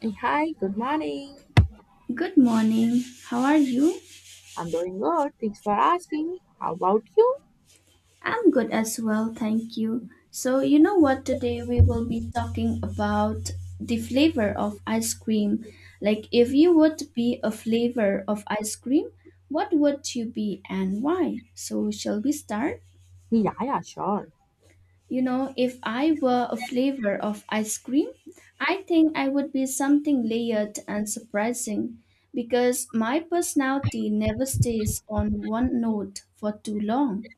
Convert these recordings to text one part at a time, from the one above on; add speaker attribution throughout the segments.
Speaker 1: Hey, hi, good morning.
Speaker 2: Good morning. How are you?
Speaker 1: I'm doing good. Thanks for asking. How about you?
Speaker 2: I'm good as well, thank you. So, you know what? Today we will be talking about the flavor of ice cream. Like, if you would be a flavor of ice cream, what would you be and why? So, shall we start?
Speaker 1: Yeah, yeah, sure.
Speaker 2: You know, if I were a flavor of ice cream, I think I would be something layered and surprising because my personality never stays on one note for too long.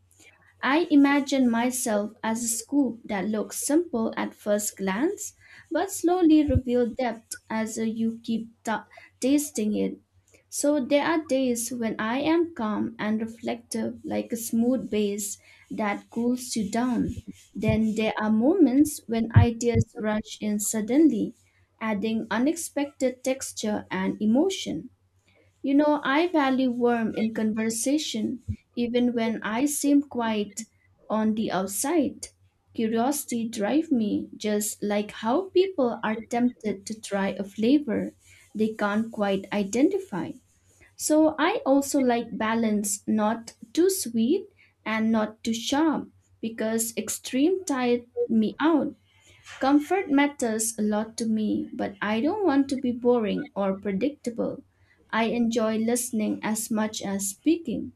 Speaker 2: I imagine myself as a scoop that looks simple at first glance, but slowly reveal depth as you keep tasting it. So there are days when I am calm and reflective, like a smooth base that cools you down. Then there are moments when ideas rush in suddenly, adding unexpected texture and emotion. You know, I value warmth in conversation even when I seem quiet on the outside. Curiosity drives me, just like how people are tempted to try a flavor they can't quite identify. So I also like balance, not too sweet and not too sharp, because extreme tire me out. Comfort matters a lot to me, but I don't want to be boring or predictable. I enjoy listening as much as speaking,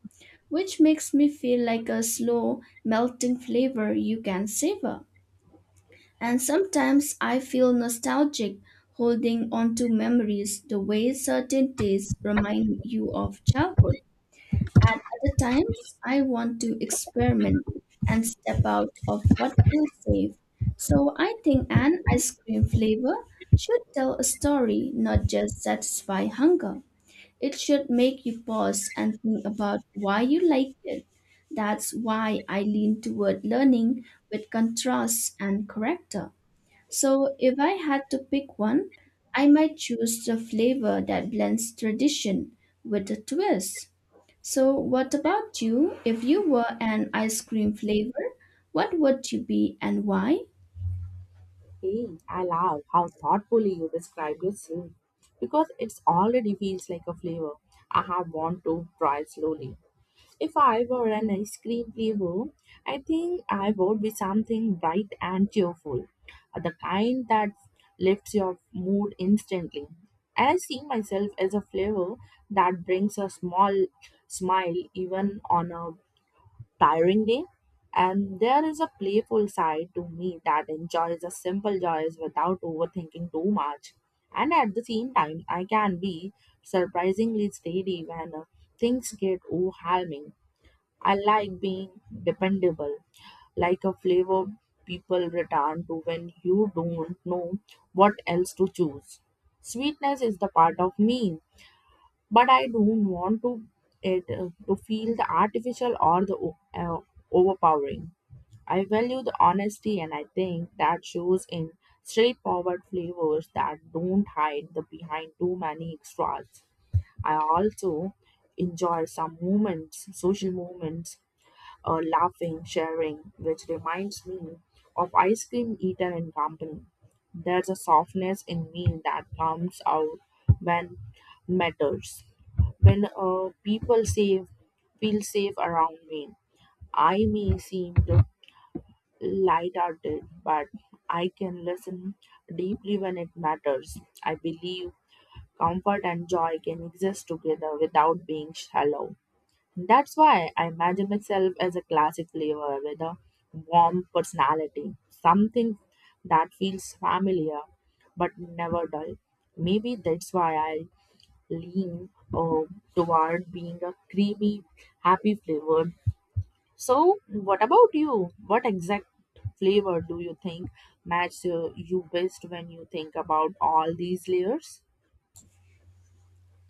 Speaker 2: which makes me feel like a slow, melting flavor you can savor. And sometimes I feel nostalgic holding onto memories the way certain tastes remind you of childhood. At other times, I want to experiment and step out of what feels safe. So I think an ice cream flavor should tell a story, not just satisfy hunger. It should make you pause and think about why you like it. That's why I lean toward learning with contrast and character. So, if I had to pick one, I might choose the flavor that blends tradition with a twist. So, what about you? If you were an ice cream flavor, what would you be and why?
Speaker 1: Hey, I love how thoughtfully you describe your soup because it's already feels like a flavor I have want to try slowly. If I were an ice cream flavor, I think I would be something bright and cheerful, the kind that lifts your mood instantly. And I see myself as a flavor that brings a small smile even on a tiring day. And there is a playful side to me that enjoys the simple joys without overthinking too much. And at the same time, I can be surprisingly steady when things get overwhelming. I like being dependable, like a flavor people return to when you don't know what else to choose. Sweetness is the part of me but I don't want to it to feel the artificial or the overpowering. I value the honesty, and I think that shows in straightforward flavors that don't hide the behind too many extras. I also enjoy some moments, social moments, laughing, sharing, which reminds me of ice cream eaten in company. There's a softness in me that comes out when matters. When people say feel safe around me, I may seem to light-hearted, but I can listen deeply when it matters. I believe comfort and joy can exist together without being shallow. That's why I imagine myself as a classic flavor with a warm personality, something that feels familiar but never dull. Maybe that's why I lean uh, toward being a creamy, happy flavor. So, what about you? What exact flavor do you think match you best when you think about all these layers?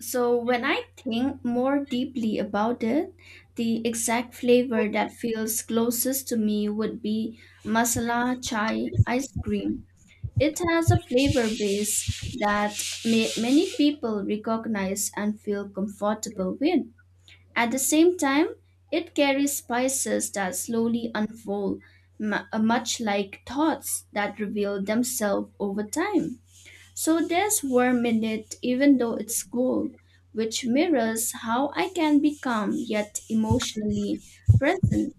Speaker 2: So, when I think more deeply about it, the exact flavor that feels closest to me would be masala chai ice cream. It has a flavor base that many people recognize and feel comfortable with. At the same time, it carries spices that slowly unfold, much like thoughts that reveal themselves over time. So there's warmth in it, even though it's cold, which mirrors how I can become yet emotionally present.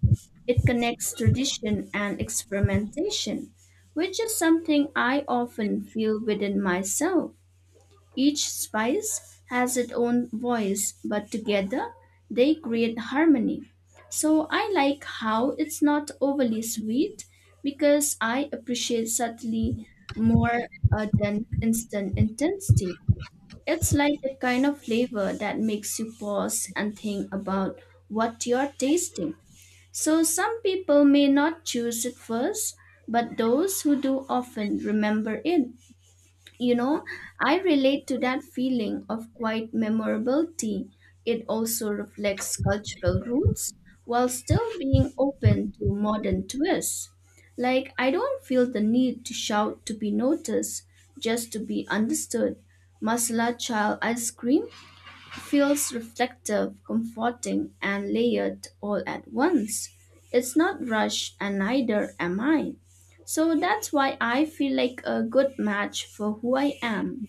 Speaker 2: It connects tradition and experimentation, which is something I often feel within myself. Each spice has its own voice, but together they create harmony. So I like how it's not overly sweet because I appreciate subtly more than instant intensity. It's like the kind of flavor that makes you pause and think about what you're tasting. So some people may not choose it first, but those who do often remember it. You know, I relate to that feeling of quite memorability. It also reflects cultural roots while still being open to modern twists. Like, I don't feel the need to shout to be noticed, just to be understood. Masala child ice cream feels reflective, comforting, and layered all at once. It's not rushed, and neither am I. So that's why I feel like a good match for who I am.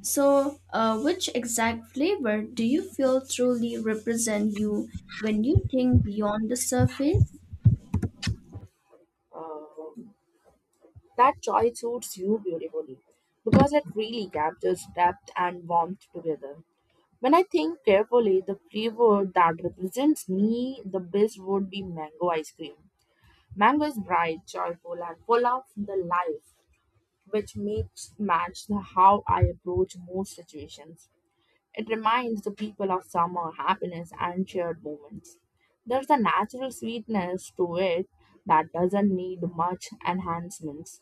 Speaker 2: So, which exact flavor do you feel truly represent you when you think beyond the surface?
Speaker 1: Uh, that choice suits you beautifully because it really captures depth and warmth together. When I think carefully, the flavor that represents me the best would be mango ice cream. Mango is bright, joyful, and full of the life which makes match the how I approach most situations. It reminds the people of summer happiness and shared moments. There's a natural sweetness to it that doesn't need much enhancements.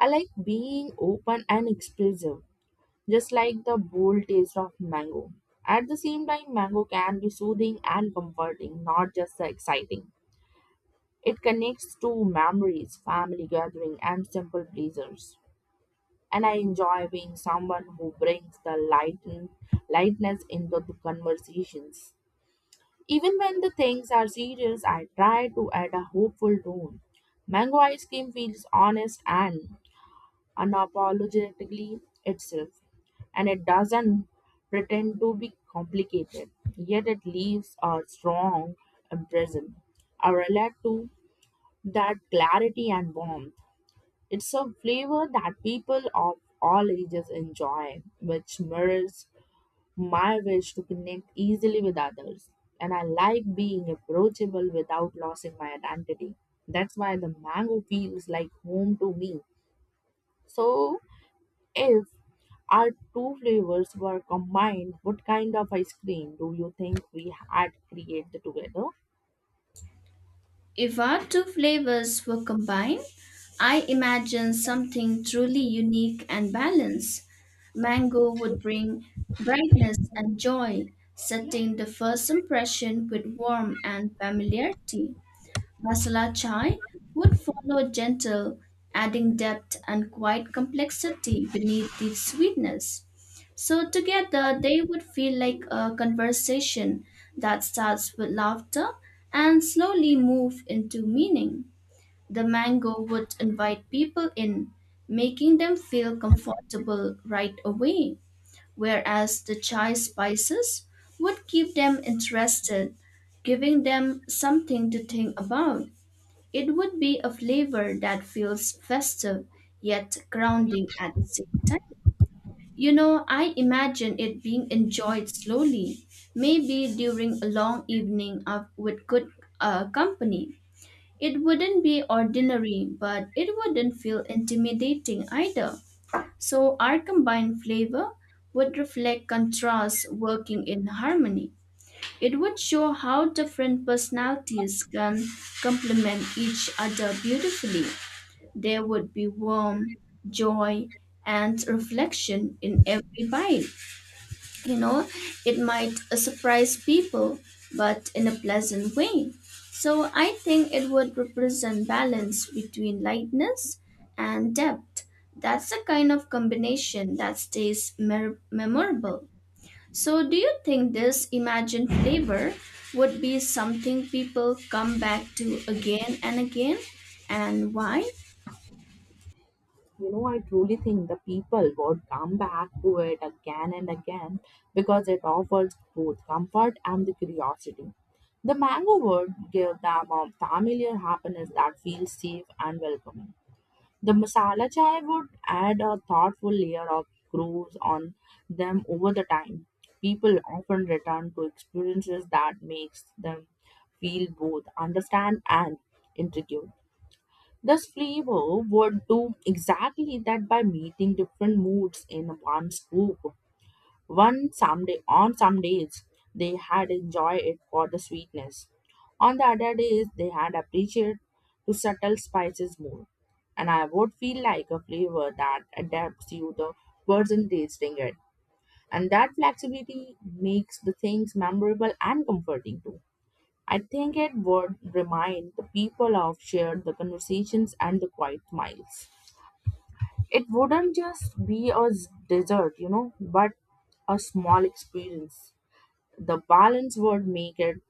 Speaker 1: I like being open and expressive, just like the bold taste of mango. At the same time, mango can be soothing and comforting, not just exciting. It connects to memories, family gathering, and simple pleasures. And I enjoy being someone who brings the light lightness into the conversations. Even when the things are serious, I try to add a hopeful tone. Mango ice cream feels honest and unapologetically itself, and it doesn't pretend to be complicated, yet it leaves a strong impression. I relate to that clarity and warmth. It's a flavor that people of all ages enjoy, which mirrors my wish to connect easily with others. And I like being approachable without losing my identity. That's why the mango feels like home to me. So, if our two flavors were combined, what kind of ice cream do you think we had created together?
Speaker 2: If our two flavors were combined, I imagine something truly unique and balanced. Mango would bring brightness and joy, setting the first impression with warmth and familiarity. Masala chai would follow gentle, adding depth and quite complexity beneath the sweetness. So together they would feel like a conversation that starts with laughter and slowly move into meaning. The mango would invite people in, making them feel comfortable right away, whereas the chai spices would keep them interested, giving them something to think about. It would be a flavor that feels festive yet grounding at the same time. You know, I imagine it being enjoyed slowly, maybe during a long evening of, with good company. It wouldn't be ordinary, but it wouldn't feel intimidating either. So, our combined flavor would reflect contrasts working in harmony. It would show how different personalities can complement each other beautifully. There would be warmth, joy, and reflection in every bite. You know, it might surprise people, but in a pleasant way. So I think it would represent balance between lightness and depth. That's the kind of combination that stays memorable. So, do you think this imagined flavor would be something people come back to again and again? And why?
Speaker 1: You know, I truly think the people would come back to it again and again because it offers both comfort and the curiosity. The mango would give them a familiar happiness that feels safe and welcoming. The masala chai would add a thoughtful layer of grooves on them over the time. People often return to experiences that makes them feel both understand and intrigued. This flavor would do exactly that by meeting different moods in one scoop. One someday on some days they had enjoyed it for the sweetness. On the other days they had appreciated to subtle spices more. And I would feel like a flavor that adapts you the person tasting it. And that flexibility makes the things memorable and comforting too. I think it would remind the people of shared the conversations and the quiet miles. It wouldn't just be a dessert, you know, but a small experience. The balance would make it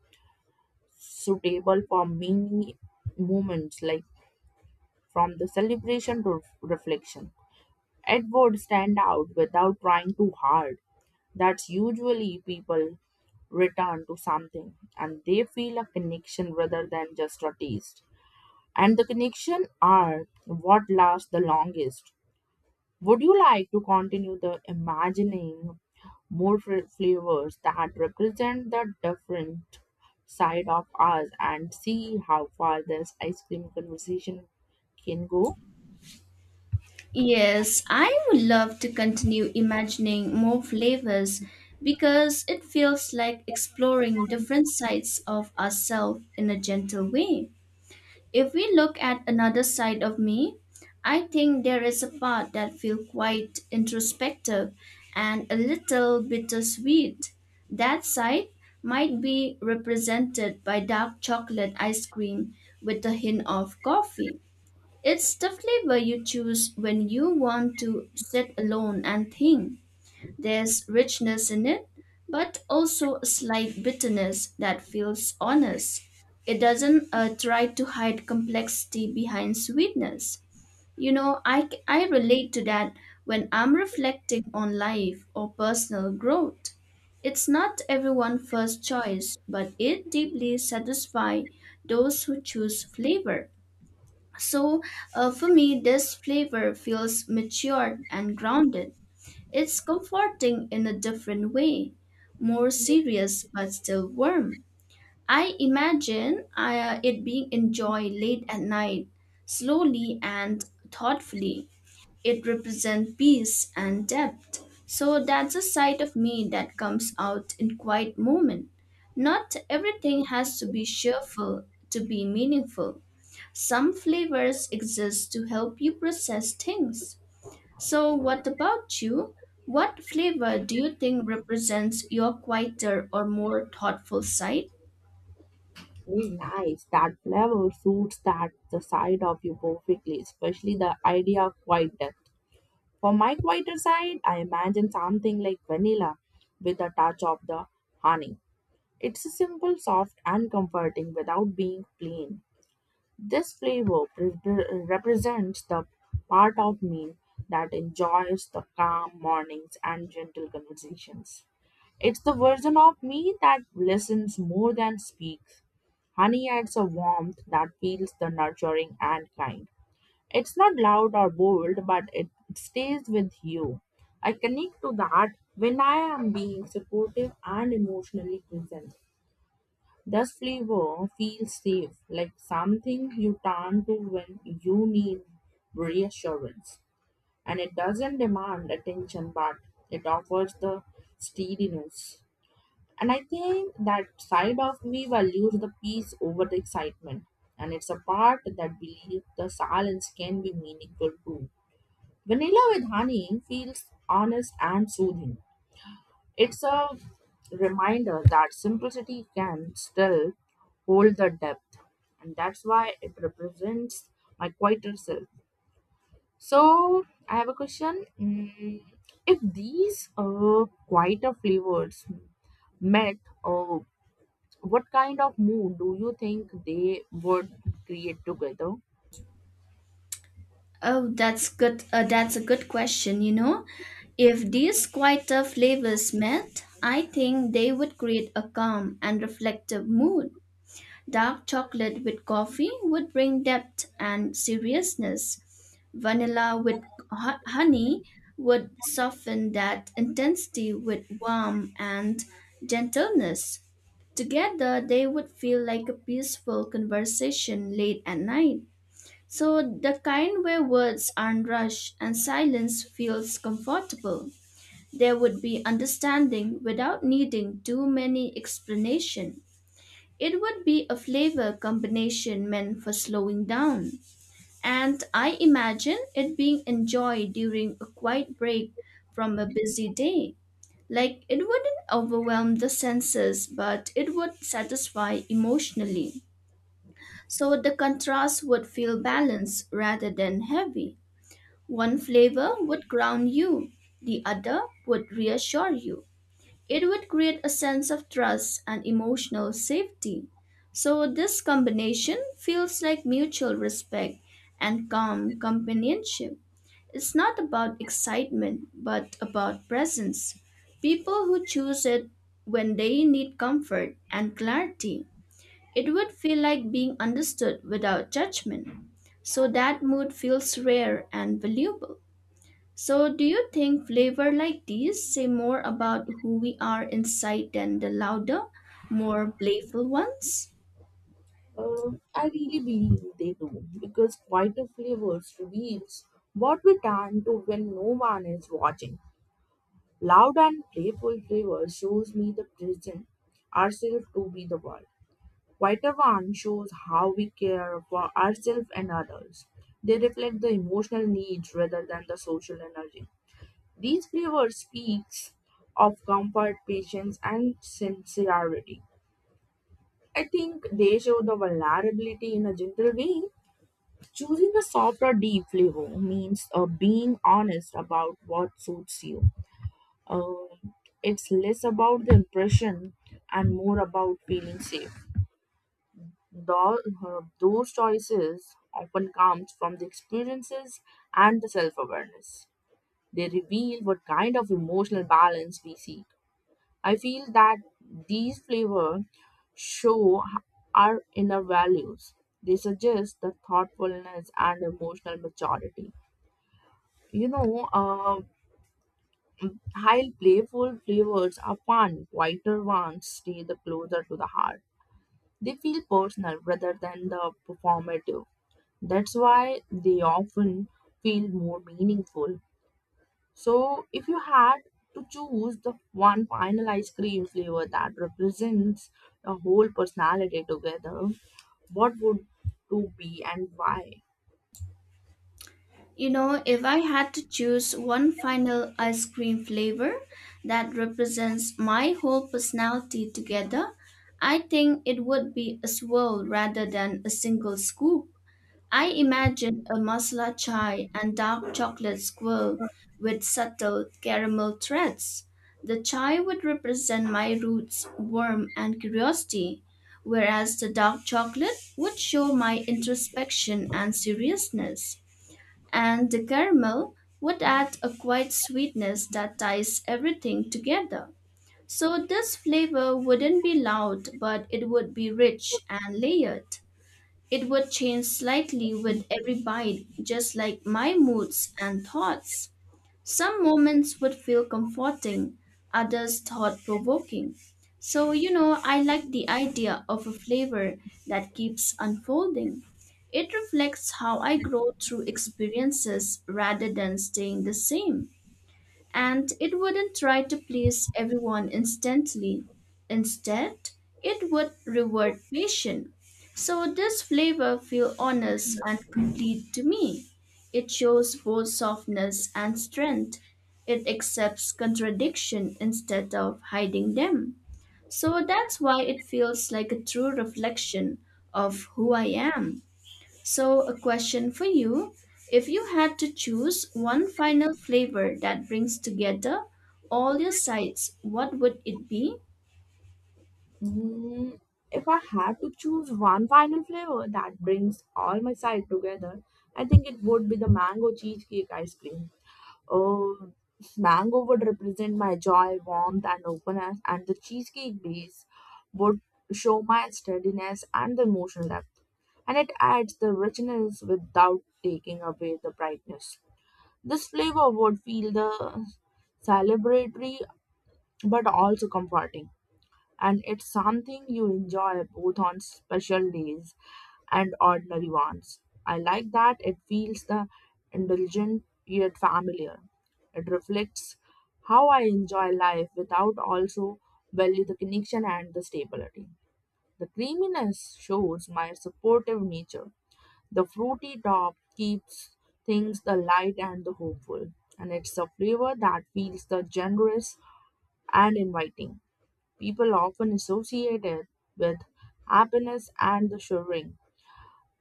Speaker 1: suitable for many moments, like from the celebration to reflection. It would stand out without trying too hard. That's usually people return to something and they feel a connection rather than just a taste. And the connection are what lasts the longest. Would you like to continue the imagining more flavors that represent the different side of us and see how far this ice cream conversation can go?
Speaker 2: Yes, I would love to continue imagining more flavors because it feels like exploring different sides of ourselves in a gentle way. If we look at another side of me, I think there is a part that feels quite introspective and a little bittersweet. That side might be represented by dark chocolate ice cream with a hint of coffee. It's the flavor you choose when you want to sit alone and think. There's richness in it, but also a slight bitterness that feels honest. It doesn't try to hide complexity behind sweetness. You know, I relate to that when I'm reflecting on life or personal growth. It's not everyone's first choice, but it deeply satisfies those who choose flavor. So, for me, this flavor feels matured and grounded. It's comforting in a different way, more serious but still warm. I imagine it being enjoyed late at night, slowly and thoughtfully. It represents peace and depth. So that's a side of me that comes out in quiet moment. Not everything has to be cheerful to be meaningful. Some flavors exist to help you process things. So, what about you? What flavor do you think represents your quieter or more thoughtful side?
Speaker 1: Very nice. That flavor suits that the side of you perfectly, especially the idea of white death. For my quieter side, I imagine something like vanilla with a touch of the honey. It's a simple, soft, and comforting without being plain. This flavor represents the part of me that enjoys the calm mornings and gentle conversations. It's the version of me that listens more than speaks. Honey adds a warmth that feels the nurturing and kind. It's not loud or bold, but it stays with you. I connect to that when I am being supportive and emotionally present. The flavor feels safe, like something you turn to when you need reassurance. And it doesn't demand attention, but it offers the steadiness. And I think that side of me values the peace over the excitement. And it's a part that believes the silence can be meaningful too. Vanilla with honey feels honest and soothing. It's a reminder that simplicity can still hold the depth, and that's why it represents my quieter self. So, I have a question. If these quieter flavors met, uh, what kind of mood do you think they would create together?
Speaker 2: Oh, that's good. That's a good question, you know. If these quieter flavors met, I think they would create a calm and reflective mood. Dark chocolate with coffee would bring depth and seriousness. Vanilla with honey would soften that intensity with warmth and gentleness. Together, they would feel like a peaceful conversation late at night. So, the kind where words aren't rushed and silence feels comfortable. There would be understanding without needing too many explanation. It would be a flavor combination meant for slowing down, and I imagine it being enjoyed during a quiet break from a busy day. Like it wouldn't overwhelm the senses, but it would satisfy emotionally. So the contrast would feel balanced rather than heavy. One flavor would ground you, the other would reassure you. It would create a sense of trust and emotional safety. So, this combination feels like mutual respect and calm companionship. It's not about excitement, but about presence. People who choose it when they need comfort and clarity. It would feel like being understood without judgment. So, that mood feels rare and valuable. So, do you think flavor like these say more about who we are inside than the louder, more playful ones?
Speaker 1: I really believe they do because quieter flavors reveals what we turn to when no one is watching. Loud and playful flavor shows me the present ourselves to be the world. Quieter one shows how we care for ourselves and others. They reflect the emotional needs rather than the social energy. These flavors speaks of comfort, patience, and sincerity. I think they show the vulnerability in a gentle way. Choosing a soft or deep flavor means being honest about what suits you. Um, it's less about the impression and more about feeling safe. Those, those choices often comes from the experiences and the self-awareness. They reveal what kind of emotional balance we seek. I feel that these flavor show our inner values. They suggest the thoughtfulness and emotional maturity. You know, uh. While playful flavors are fun, quieter ones stay the closer to the heart. They feel personal rather than the performative. That's why they often feel more meaningful. So, if you had to choose the one final ice cream flavor that represents the whole personality together, what would it be and why?
Speaker 2: You know, if I had to choose one final ice cream flavor that represents my whole personality together, I think it would be a swirl rather than a single scoop. I imagine a masala chai and dark chocolate swirl with subtle caramel threads. The chai would represent my roots, warmth, and curiosity, whereas the dark chocolate would show my introspection and seriousness. And the caramel would add a quiet sweetness that ties everything together. So this flavor wouldn't be loud, but it would be rich and layered. It would change slightly with every bite, just like my moods and thoughts. Some moments would feel comforting, others thought provoking. So, you know, I like the idea of a flavor that keeps unfolding. It reflects how I grow through experiences rather than staying the same and it wouldn't try to please everyone instantly. Instead, it would reward patience. So this flavor feels honest and complete to me. It shows both softness and strength. It accepts contradiction instead of hiding them. So that's why it feels like a true reflection of who I am. So, a question for you. If you had to choose one final flavor that brings together all your sides, what would it be?
Speaker 1: Mm, if I had to choose one final flavor that brings all my side together, I think it would be the mango cheesecake ice cream. Oh, mango would represent my joy, warmth, and openness, and the cheesecake base would show my steadiness and the emotional depth. And it adds the richness without taking away the brightness. This flavor would feel the celebratory but also comforting and it's something you enjoy both on special days and ordinary ones. I like that it feels the indulgent yet familiar. It reflects how I enjoy life without also value the connection and the stability. The creaminess shows my supportive nature. The fruity top keeps things the light and the hopeful, and it's a flavor that feels the generous and inviting people often associate it with happiness and the sharing.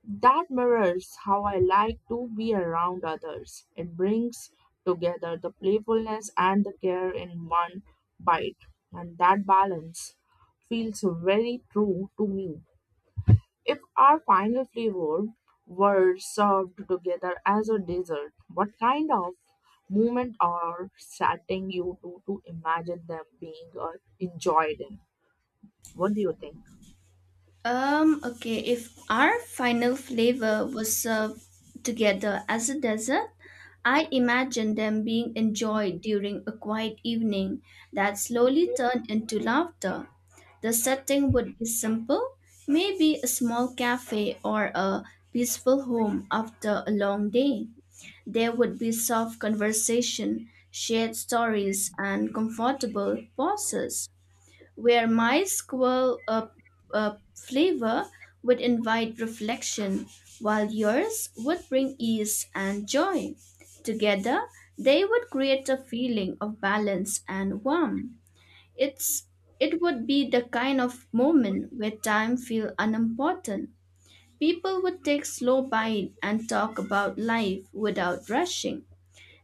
Speaker 1: That mirrors how I like to be around others. It brings together the playfulness and the care in one bite, and that balance feels very true to me. If our final flavor were served together as a dessert, what kind of moment or setting you to imagine them being enjoyed in? What do you think?
Speaker 2: Okay, if our final flavor was served together as a dessert, I imagine them being enjoyed during a quiet evening that slowly turned into laughter. The setting would be simple, maybe a small cafe or a peaceful home after a long day. There would be soft conversation, shared stories, and comfortable pauses, where my squirrel flavor would invite reflection, while yours would bring ease and joy. Together, they would create a feeling of balance and warmth. It's it would be the kind of moment where time feels unimportant. People would take slow bite and talk about life without rushing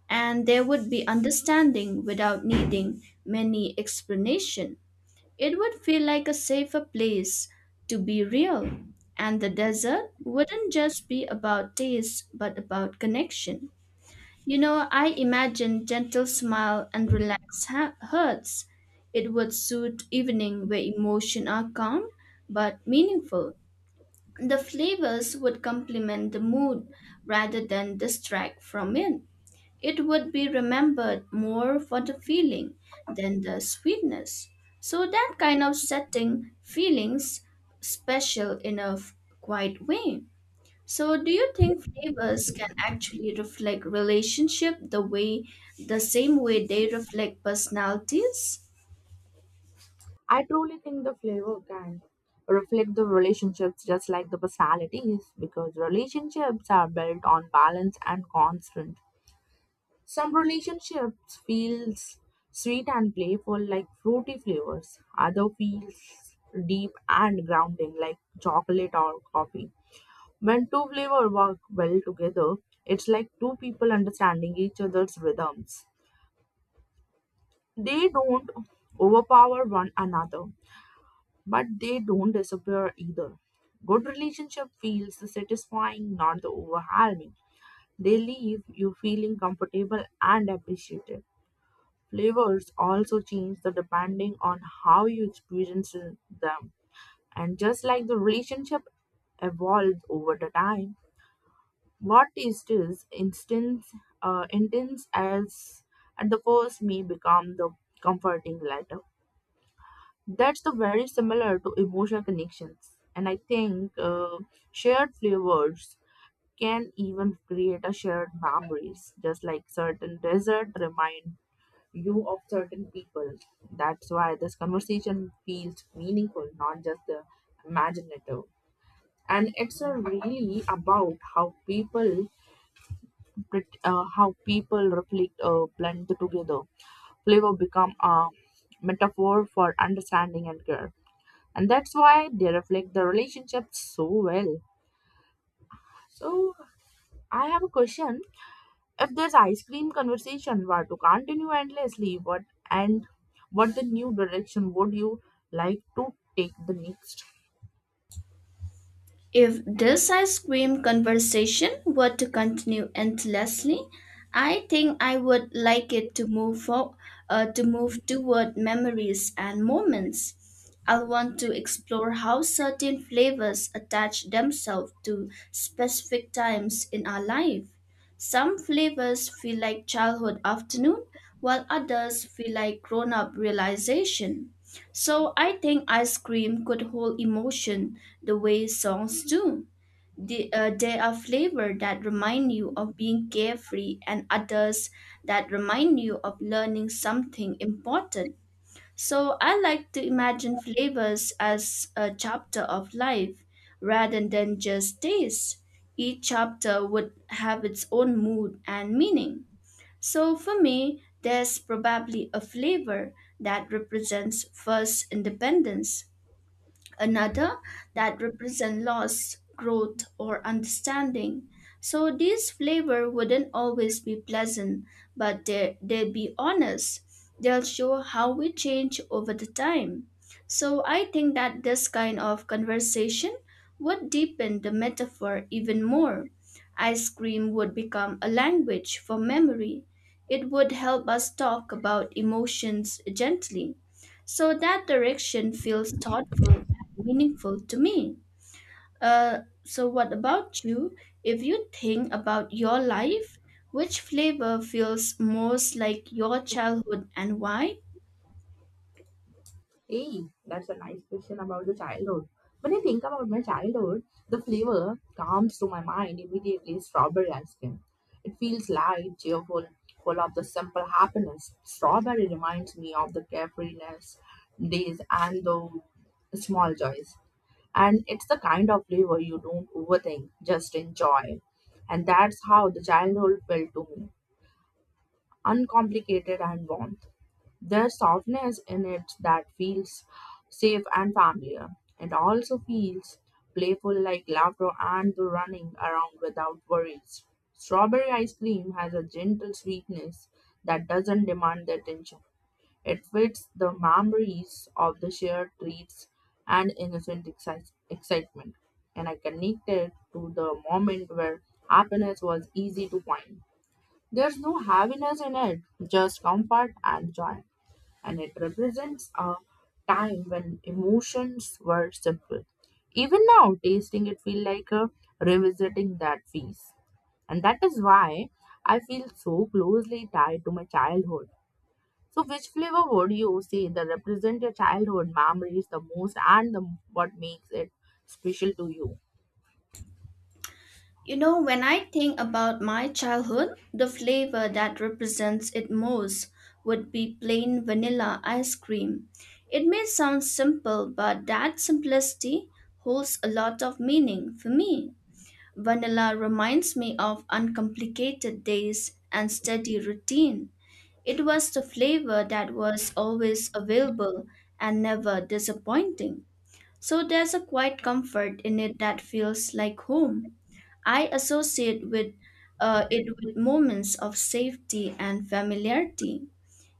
Speaker 2: and there would be understanding without needing many explanation. It would feel like a safer place to be real, and the desert wouldn't just be about taste but about connection. You know, I imagine gentle smile and relaxed hearts. It would suit evening where emotion are calm but meaningful. The flavors would complement the mood rather than distract from it. It would be remembered more for the feeling than the sweetness. So that kind of setting feelings special in a quiet way. So do you think flavors can actually reflect relationship the way the same way they reflect personalities?
Speaker 1: I truly think the flavor can reflect the relationships just like the personalities because relationships are built on balance and constant. Some relationships feels sweet and playful like fruity flavors. Other feels deep and grounding like chocolate or coffee. When two flavors work well together, it's like two people understanding each other's rhythms. They don't overpower one another but they don't disappear either. Good relationship feels satisfying, not the overwhelming. They leave you feeling comfortable and appreciated. Flavors also change the depending on how you experience them. And just like the relationship evolves over the time, what taste is instance intense as at the first may become the comforting later. That's the very similar to emotional connections. And I think shared flavors can even create a shared memories, just like certain dessert remind you of certain people. That's why this conversation feels meaningful, not just imaginative. And it's really about how people how people reflect blend together. Flavor become a metaphor for understanding and care and that's why they reflect the relationship so well. So I have a question. If this ice cream conversation were to continue endlessly, what and what the new direction would you like to take the next?
Speaker 2: If this ice cream conversation were to continue endlessly, I think I would like it to move toward memories and moments. I'll want to explore how certain flavors attach themselves to specific times in our life. Some flavors feel like childhood afternoon, while others feel like grown-up realization. So I think ice cream could hold emotion the way songs do. There are flavor that remind you of being carefree and others that remind you of learning something important. So I like to imagine flavors as a chapter of life rather than just taste. Each chapter would have its own mood and meaning. So for me, there's probably a flavor that represents first independence another that represent loss, growth, or understanding. So these flavor wouldn't always be pleasant, but they'll be honest. They'll show how we change over the time. So I think that this kind of conversation would deepen the metaphor even more. Ice cream would become a language for memory. It would help us talk about emotions gently so that direction feels thoughtful and meaningful to me. Uh, so, what about you? If you think about your life, which flavor feels most like your childhood and why?
Speaker 1: Hey, that's a nice question about the childhood. When I think about my childhood, the flavor comes to my mind immediately strawberry ice cream. It feels light, cheerful, full of the simple happiness. Strawberry reminds me of the carefreeness days and the small joys. And it's the kind of flavor you don't overthink, just enjoy. And that's how the childhood felt to me uncomplicated and warmth. There's softness in it that feels safe and familiar. It also feels playful like laughter and the running around without worries. Strawberry ice cream has a gentle sweetness that doesn't demand the attention. It fits the memories of the shared treats and innocent excitement, and I connect it to the moment where happiness was easy to find. There's no heaviness in it, just comfort and joy. And it represents a time when emotions were simple. Even now, tasting it feels like a revisiting that feast. And that is why I feel so closely tied to my childhood. So, which flavor would you say that represent your childhood memories the most and the, what makes it special to you?
Speaker 2: You know, when I think about my childhood, the flavor that represents it most would be plain vanilla ice cream. It may sound simple, but that simplicity holds a lot of meaning for me. Vanilla reminds me of uncomplicated days and steady routine. It was the flavor that was always available and never disappointing. So there's a quiet comfort in it that feels like home. I associate with it with moments of safety and familiarity.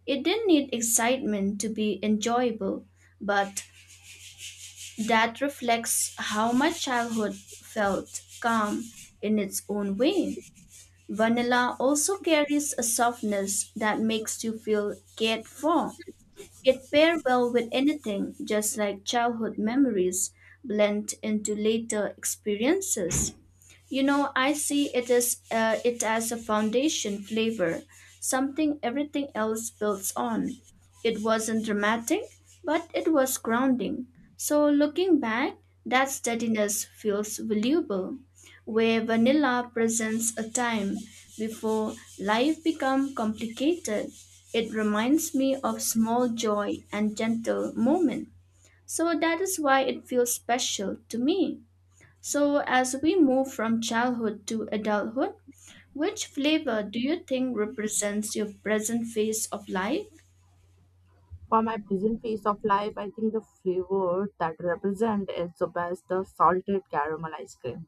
Speaker 2: It didn't need excitement to be enjoyable, but that reflects how my childhood felt calm in its own way. Vanilla also carries a softness that makes you feel cared for. It pairs well with anything, just like childhood memories blend into later experiences. You know, I see it as a foundation flavor, something everything else builds on. It wasn't dramatic, but it was grounding. So looking back, that steadiness feels valuable where vanilla presents a time before life become complicated. It reminds me of small joy and gentle moment. So that is why it feels special to me. So as we move from childhood to adulthood, which flavor do you think represents your present phase of life?
Speaker 1: For my present phase of life, I think the flavor that represent is the best the salted caramel ice cream.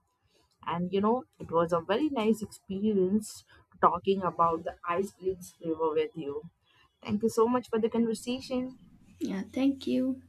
Speaker 1: And you know, it was a very nice experience talking about the ice cream's flavor with you. Thank you so much for the conversation.
Speaker 2: Yeah, thank you.